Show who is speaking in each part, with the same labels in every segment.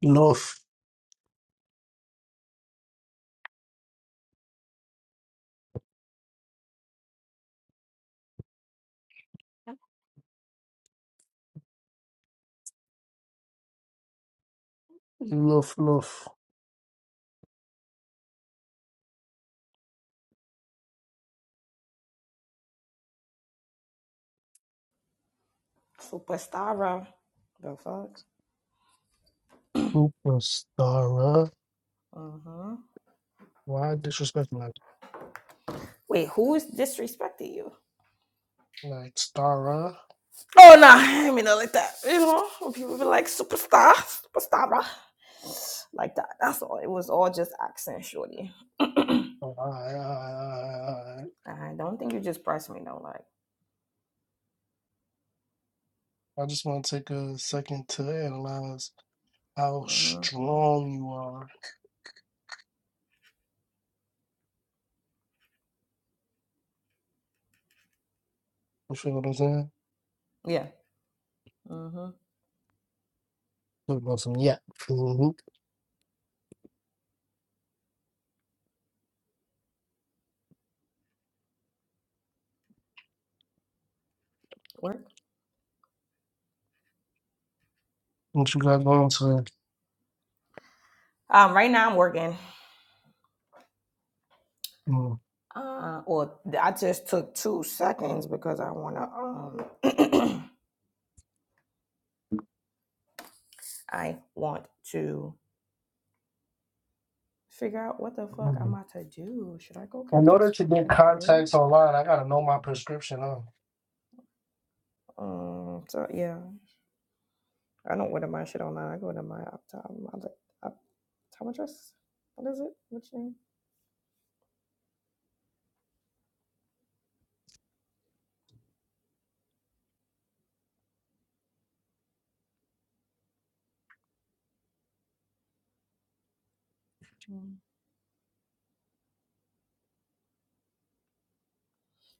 Speaker 1: Love, love, love.
Speaker 2: Superstar. The fuck?
Speaker 1: Super Stara.
Speaker 2: hmm
Speaker 1: Why disrespect me like
Speaker 2: Wait, who's disrespecting you?
Speaker 1: like Stara?
Speaker 2: Oh, nah, I mean, not like that. You know, when people be like, superstar, superstar, like that. That's all. It was all just accent, shorty.
Speaker 1: I, I,
Speaker 2: I don't think you just pressed me, no, like,
Speaker 1: I just want to take a second to analyze how
Speaker 2: hmm
Speaker 1: strong you are. You feel what I'm saying?
Speaker 2: yeah. hmm
Speaker 1: Talking about some yeah. Mhm.
Speaker 2: Work?
Speaker 1: What you got going today?
Speaker 2: Um, right now I'm working. Uh, well, I just took two seconds because I want to, um, I want to. figure out what the fuck
Speaker 1: Mm-hmm.
Speaker 2: I'm about to do. Should I go
Speaker 1: In
Speaker 2: get this
Speaker 1: order to get
Speaker 2: fucking glue?
Speaker 1: contacts online, I gotta know my prescription, huh?
Speaker 2: Um, so yeah, I don't order my shit online. I go to my optom, op- optometrist. What is it? What's your name? Mm.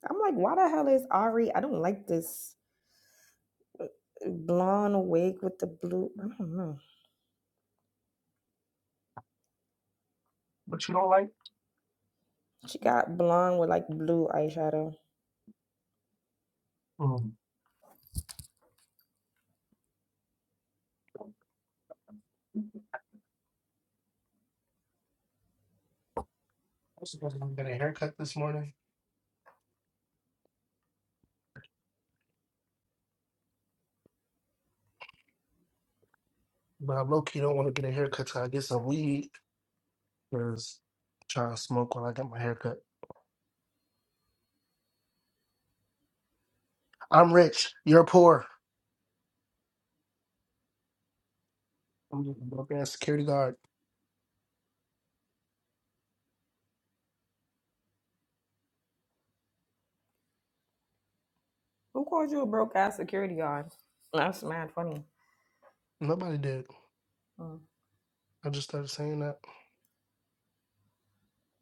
Speaker 2: I'm like, why the hell is Ari? I don't like this. blonde wig with the blue. I don't know.
Speaker 1: But you don't like?
Speaker 2: She got blonde with like blue eyeshadow.
Speaker 1: Mm. I was supposed to get a haircut this morning, but I low key don't want to get a haircut till I get some weed. Because trying to smoke when I got my haircut. I'm rich. You're poor. I'm just a broke ass security guard.
Speaker 2: Who called you a broke ass security guard? That's mad funny.
Speaker 1: Nobody did.
Speaker 2: Mm.
Speaker 1: I just started saying that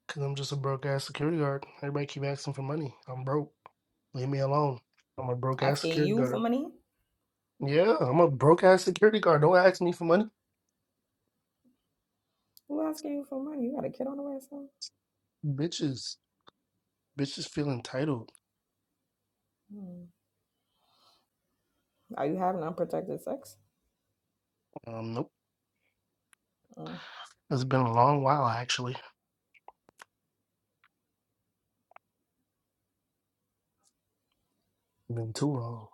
Speaker 1: because I'm just a broke ass security guard. Everybody keep asking for money. I'm broke. Leave me alone. I'm a broke ass
Speaker 2: Asking
Speaker 1: security
Speaker 2: you for
Speaker 1: guard.
Speaker 2: money?
Speaker 1: Yeah, I'm a broke ass security guard. Don't ask me for money.
Speaker 2: Who asking you for money? You got a kid on the way or something?
Speaker 1: Bitches. Bitches feel entitled.
Speaker 2: Mm. Are you having unprotected sex?
Speaker 1: Um, nope.
Speaker 2: Mm.
Speaker 1: It's been a long while, actually. Been too long.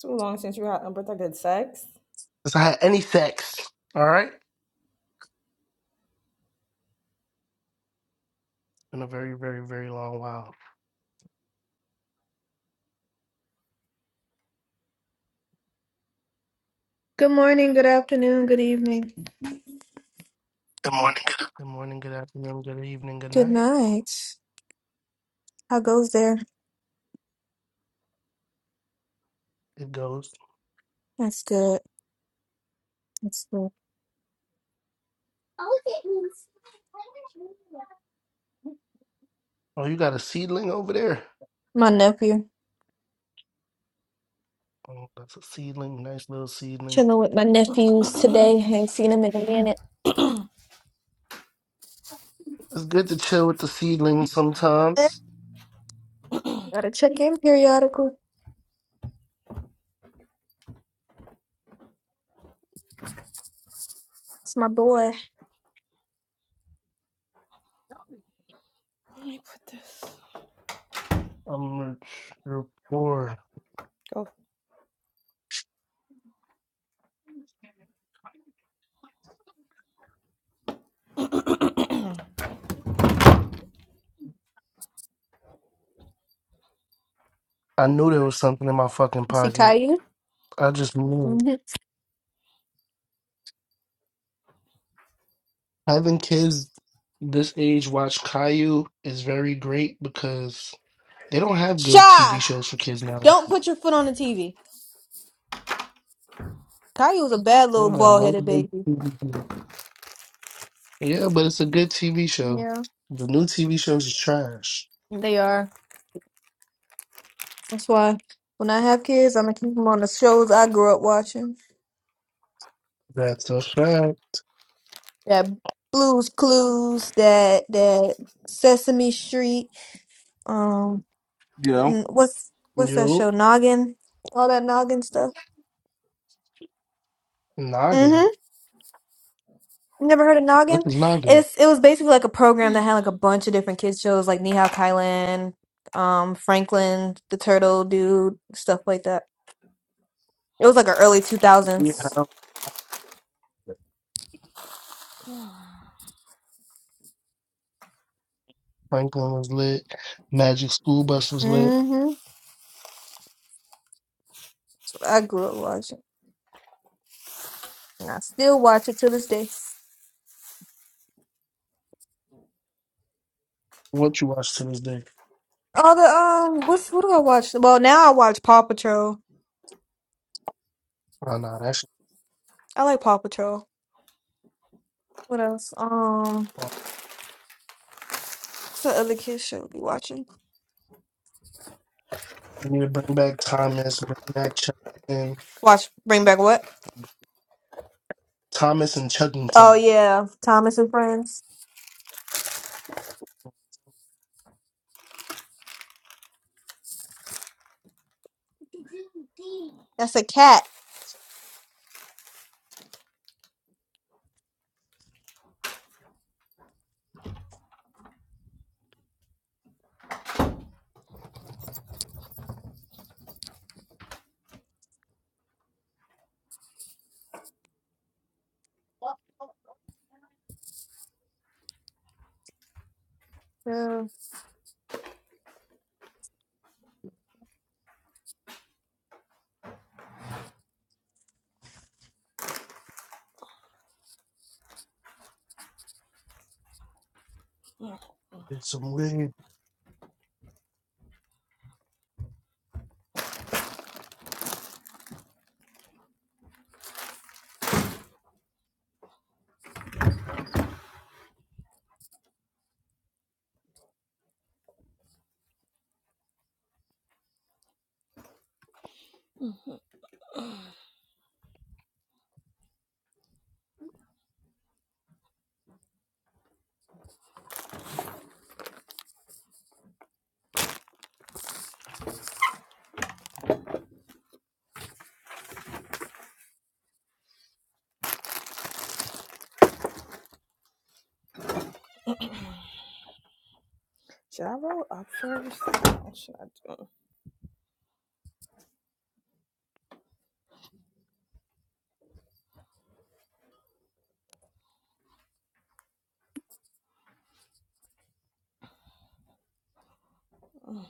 Speaker 2: Too long since you had unprotected sex.
Speaker 1: Since I had any sex. All right? Been a very, very, very long while.
Speaker 3: Good morning, good afternoon, good evening. Good morning.
Speaker 1: Good morning, good afternoon, good evening, good
Speaker 3: Good
Speaker 1: night.
Speaker 3: night. How goes there?
Speaker 1: It goes.
Speaker 3: That's good. That's good.
Speaker 1: Oh, you got a seedling over there?
Speaker 3: My nephew.
Speaker 1: Oh, that's a seedling. Nice little seedling.
Speaker 3: Chilling with my nephews today. Ain't seen him in a minute.
Speaker 1: It's good to chill with the seedling sometimes.
Speaker 3: Gotta check in periodically. It's my boy.
Speaker 2: Let me put this.
Speaker 1: I'm r- bored.
Speaker 2: Go.
Speaker 1: I knew there was something in my fucking
Speaker 3: See
Speaker 1: pocket.
Speaker 3: Caillou?
Speaker 1: I just knew.
Speaker 3: hmm
Speaker 1: Having kids this age watch Caillou is very great because they don't have good TV
Speaker 3: Shy!
Speaker 1: shows for kids now.
Speaker 3: Don't put your foot on the TV. Caillou's a bad
Speaker 1: They
Speaker 3: little
Speaker 1: don't got
Speaker 3: bald
Speaker 1: no
Speaker 3: headed
Speaker 2: Uh-uh-uh.
Speaker 1: good
Speaker 3: baby.
Speaker 1: TV shows. Yeah, but it's a good TV show.
Speaker 3: Yeah,
Speaker 1: The new TV shows is trash.
Speaker 3: they are. That's why when I have kids, I'm gonna keep them on the shows I grew up watching.
Speaker 1: That's a fact.
Speaker 3: that Blues Clues, that that Sesame Street, um,
Speaker 4: you know
Speaker 3: n- what's what's that
Speaker 1: Yo,
Speaker 3: show? Noggin, all that Noggin stuff.
Speaker 1: noggin.
Speaker 3: Mm-hmm. Never heard of
Speaker 1: What
Speaker 3: Noggin?
Speaker 1: is noggin?
Speaker 3: It's it was basically like a program that had like a bunch of different kids shows, like Nihao Kylan, um, Franklin the Turtle Dude, stuff like that. It was like an early two
Speaker 1: Yeah,
Speaker 3: thousands.
Speaker 1: how Franklin was lit. Magic School Bus was lit.
Speaker 3: Mm-hmm. So I grew up watching. And I still watch it to this day.
Speaker 1: What you watch to this day?
Speaker 3: All the um, what's what do I watch? Well, now I watch Paw Patrol.
Speaker 1: Oh, no, that shit's
Speaker 3: I like Paw Patrol. What else? Um,
Speaker 1: fun.
Speaker 3: what's the other kids show we watching?
Speaker 1: We need to bring back Thomas, bring back Chuggington.
Speaker 3: Watch Bring Back What?
Speaker 1: Thomas and
Speaker 3: Oh
Speaker 1: Chuggington.
Speaker 3: yeah, Thomas and Friends. That's a cat. Yeah.
Speaker 2: Mm.
Speaker 1: It's some weird.
Speaker 2: Should I roll up first? What should I do? Mm.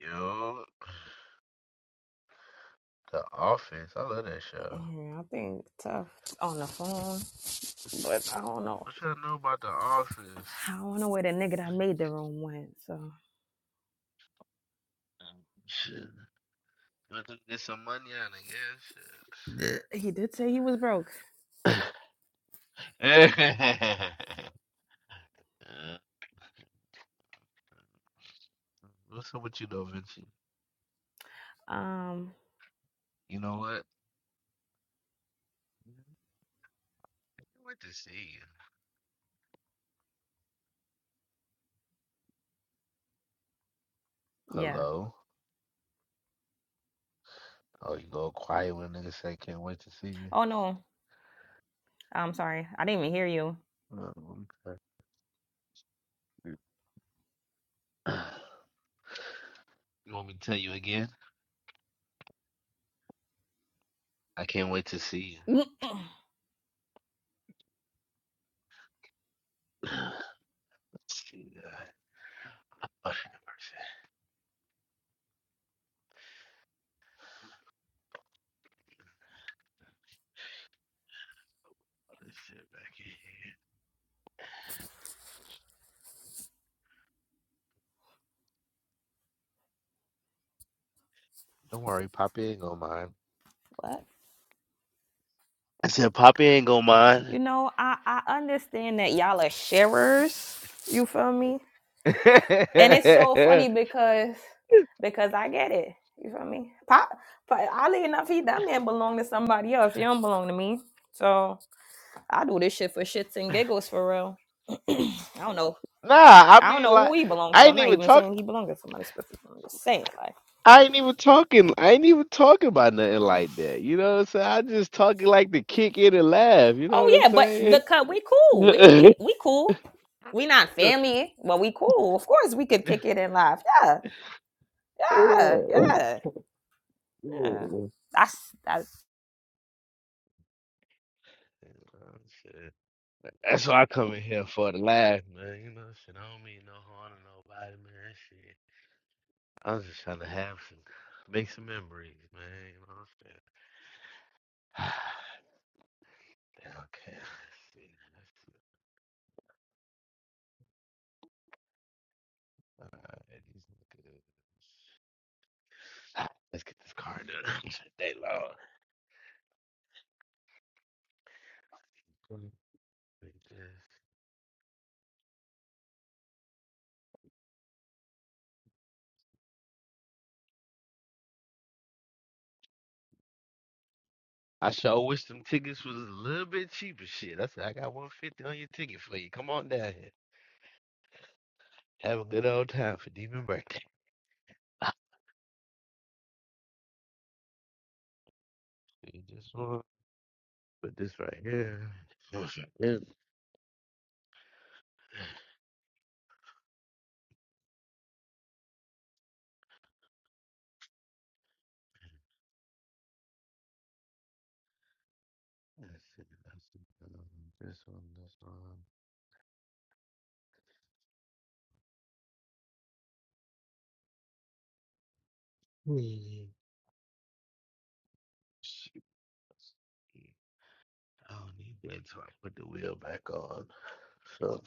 Speaker 5: Yo, The Office. I love that show.
Speaker 2: Mm, I think tough on the phone, but I don't know.
Speaker 5: What y'all know about The Office?
Speaker 2: I don't know where the nigga
Speaker 5: Um,
Speaker 2: that made the room went. So
Speaker 5: Shit. Let them get some money out
Speaker 2: he did say he was broke.
Speaker 5: of it, yeah, shit. Uh, What's up with you, though, Vinci?
Speaker 2: Um,
Speaker 5: You know what? Can't wait to see you.
Speaker 2: yeah.
Speaker 5: Hello? Oh, you go quiet when niggas say can't wait to see you.
Speaker 2: Oh no, I'm sorry. I didn't even hear you.
Speaker 5: Oh, okay. You want me to tell you again? I can't wait to see you.
Speaker 2: Mm-mm.
Speaker 5: Let's see that. Oh, shit, back in here. Don't worry, Poppy ain't gonna mind.
Speaker 2: what?
Speaker 5: I said, Poppy ain't gonna mind.
Speaker 2: You know, I I understand that y'all are sharers. You feel me?
Speaker 5: nah,
Speaker 2: And it's so funny because because I get it. You feel me? Pop, but oddly enough, he that man belong to somebody else. You don't belong to me. So I do this shit for shits and giggles for real. I don't know.
Speaker 5: I
Speaker 2: I don't
Speaker 5: mean
Speaker 2: know
Speaker 5: like
Speaker 2: who he belonged
Speaker 5: I
Speaker 2: to. I'm
Speaker 5: ain't
Speaker 2: not
Speaker 5: even
Speaker 2: even
Speaker 5: talk
Speaker 2: saying he belonged to somebody specific. I'm just saying, like,
Speaker 5: I ain't even talking I ain't even talking about nothing
Speaker 2: uh,
Speaker 5: like that. You know what I'm saying? I just talking like to kick in and laugh, you know what
Speaker 2: oh
Speaker 5: I'm
Speaker 2: yeah, but
Speaker 5: saying?
Speaker 2: because we cool, we we we cool. We not family, but we cool. Of course, we could kick it and laugh. Yeah, yeah, yeah, yeah. That's that.
Speaker 5: Shit. That's what I come in here for to laugh, man. You know, shit. I don't mean no harm to nobody, man. I was just trying to have some, make some memories, man. You know what I'm saying? okay, let's see. Let's see. All right, these look good. Let's get this card done. They long. Mm. Like I sure wish them tickets was a little bit cheaper. Shit, I said I got one fifty on your ticket for you. Come on down here. Have a good old time for Demon birthday. You just want to put this right here. This right here. Let's see. Let's see. um, This one. This one. Yeah. I don't need that, so I put the wheel back on. So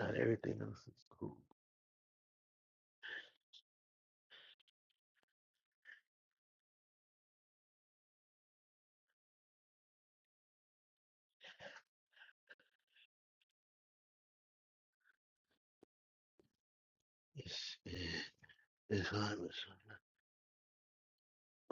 Speaker 5: not everything else is cool. It's it's hard with some-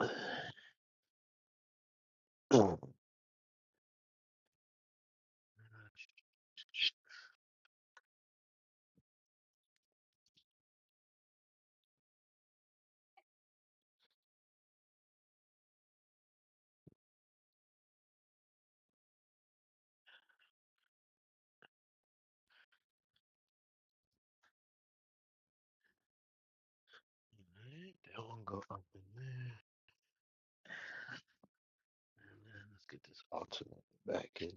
Speaker 5: That one go up in there, and then let's get this alternator back in.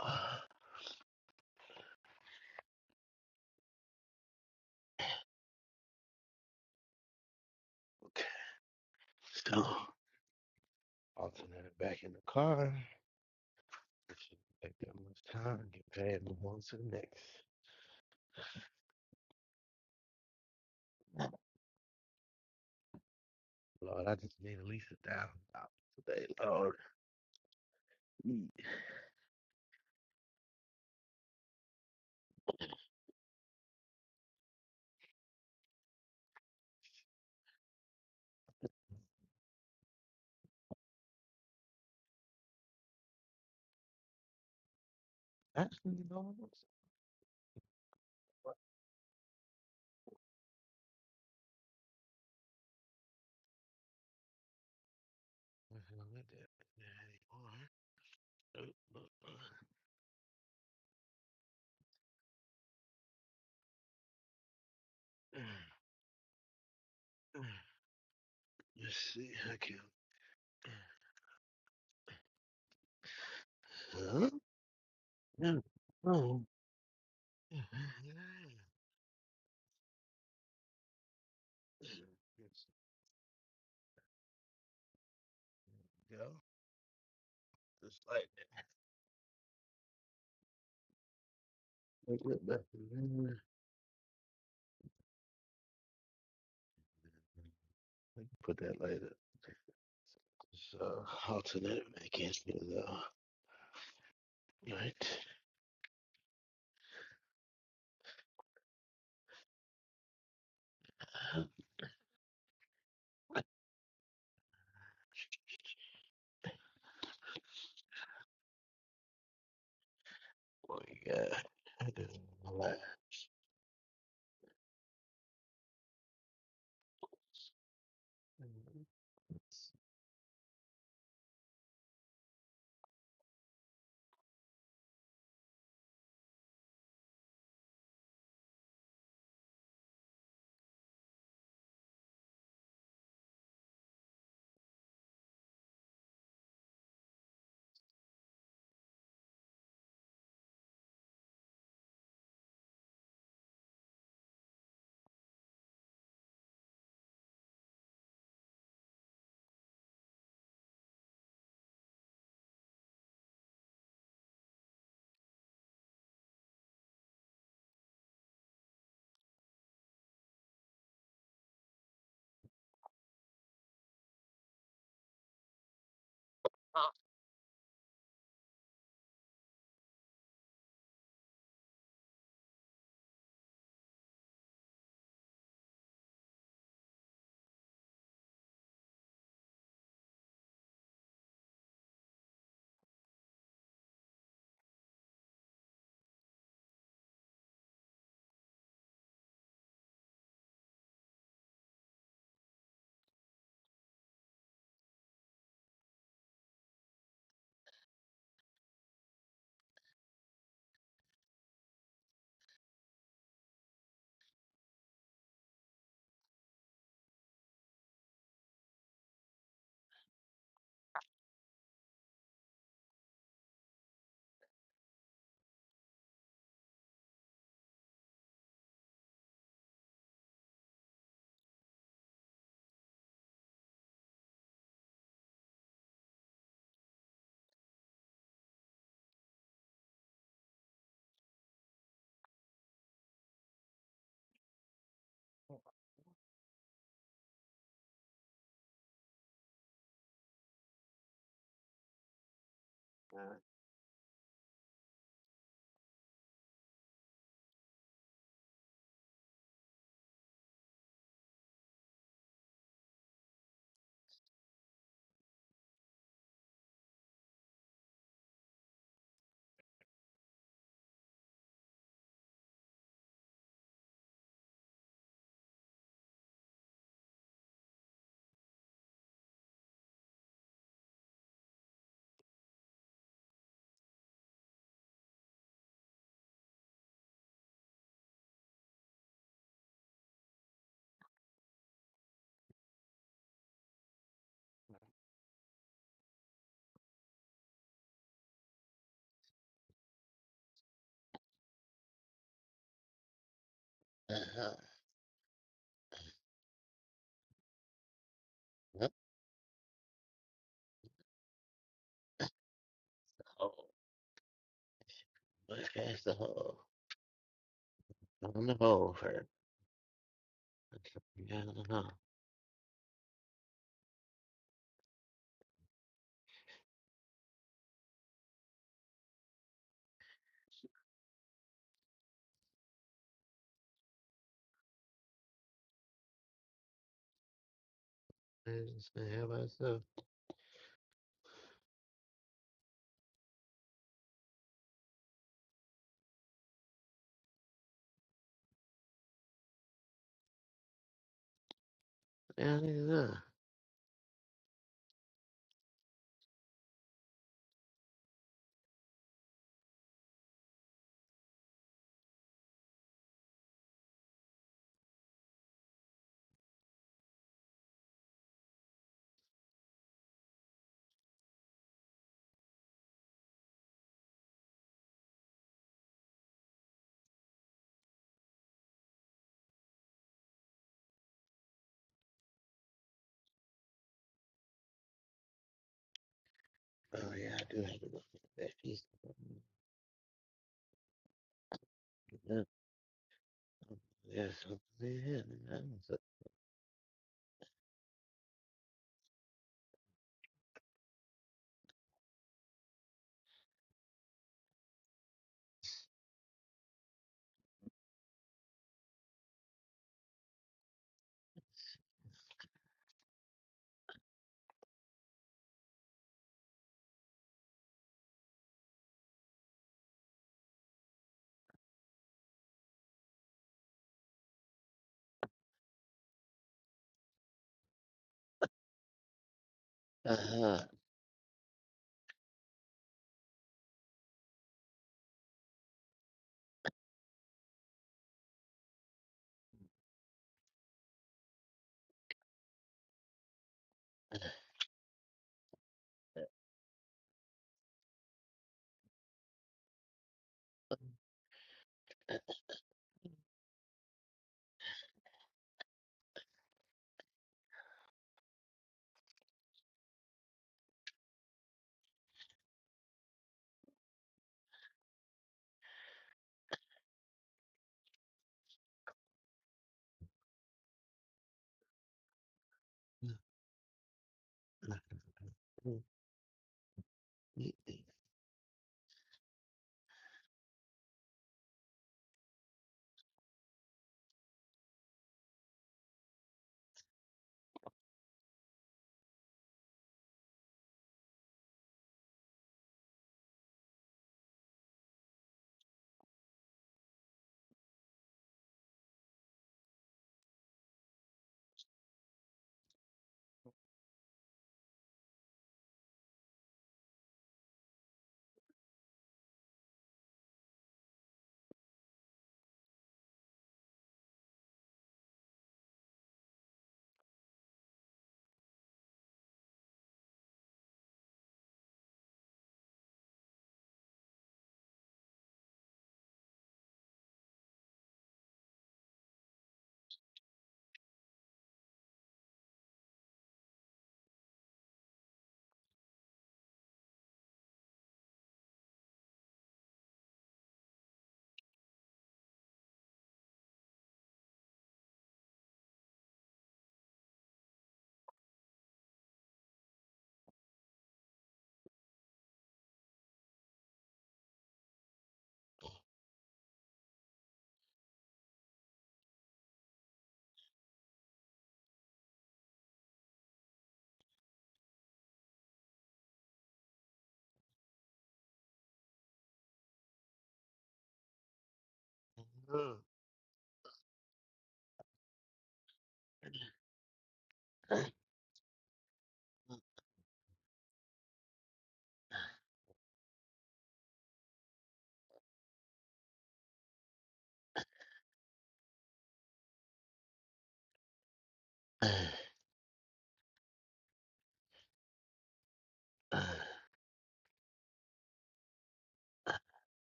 Speaker 5: Ah, okay, so alternator back in the car. It shouldn't take that much time. Get paid move on to the next. Lord, I just need at least a thousand dollars today, Lord. Mm. Actually, Lord. Mm-hmm, I don't do that anymore. Oh, oh, oh. Uh, uh, Let's see, I can. Huh? No. Oh. Yeah. Yes. Go. Just like that. Like that back in there. I can Put that later. So alternate vacancy though. Right. Oh yeah. I do a lot. Uh-huh. Oh, let's cast the hole. On the hole first. Yeah, I just gonna have myself down in there. Oh yeah, I do have to look at that piece. Yeah, There's something in here. man. So- Uh-huh.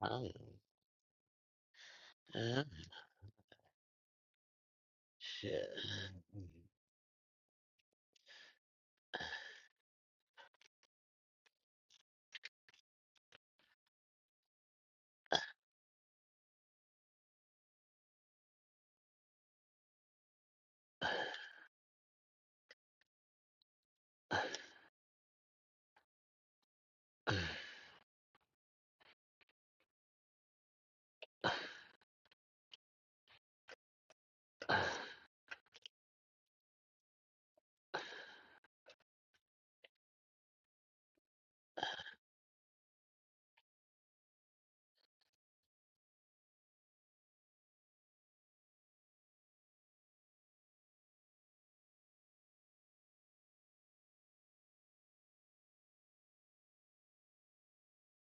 Speaker 5: Uh, uh, uh, uh, Shit.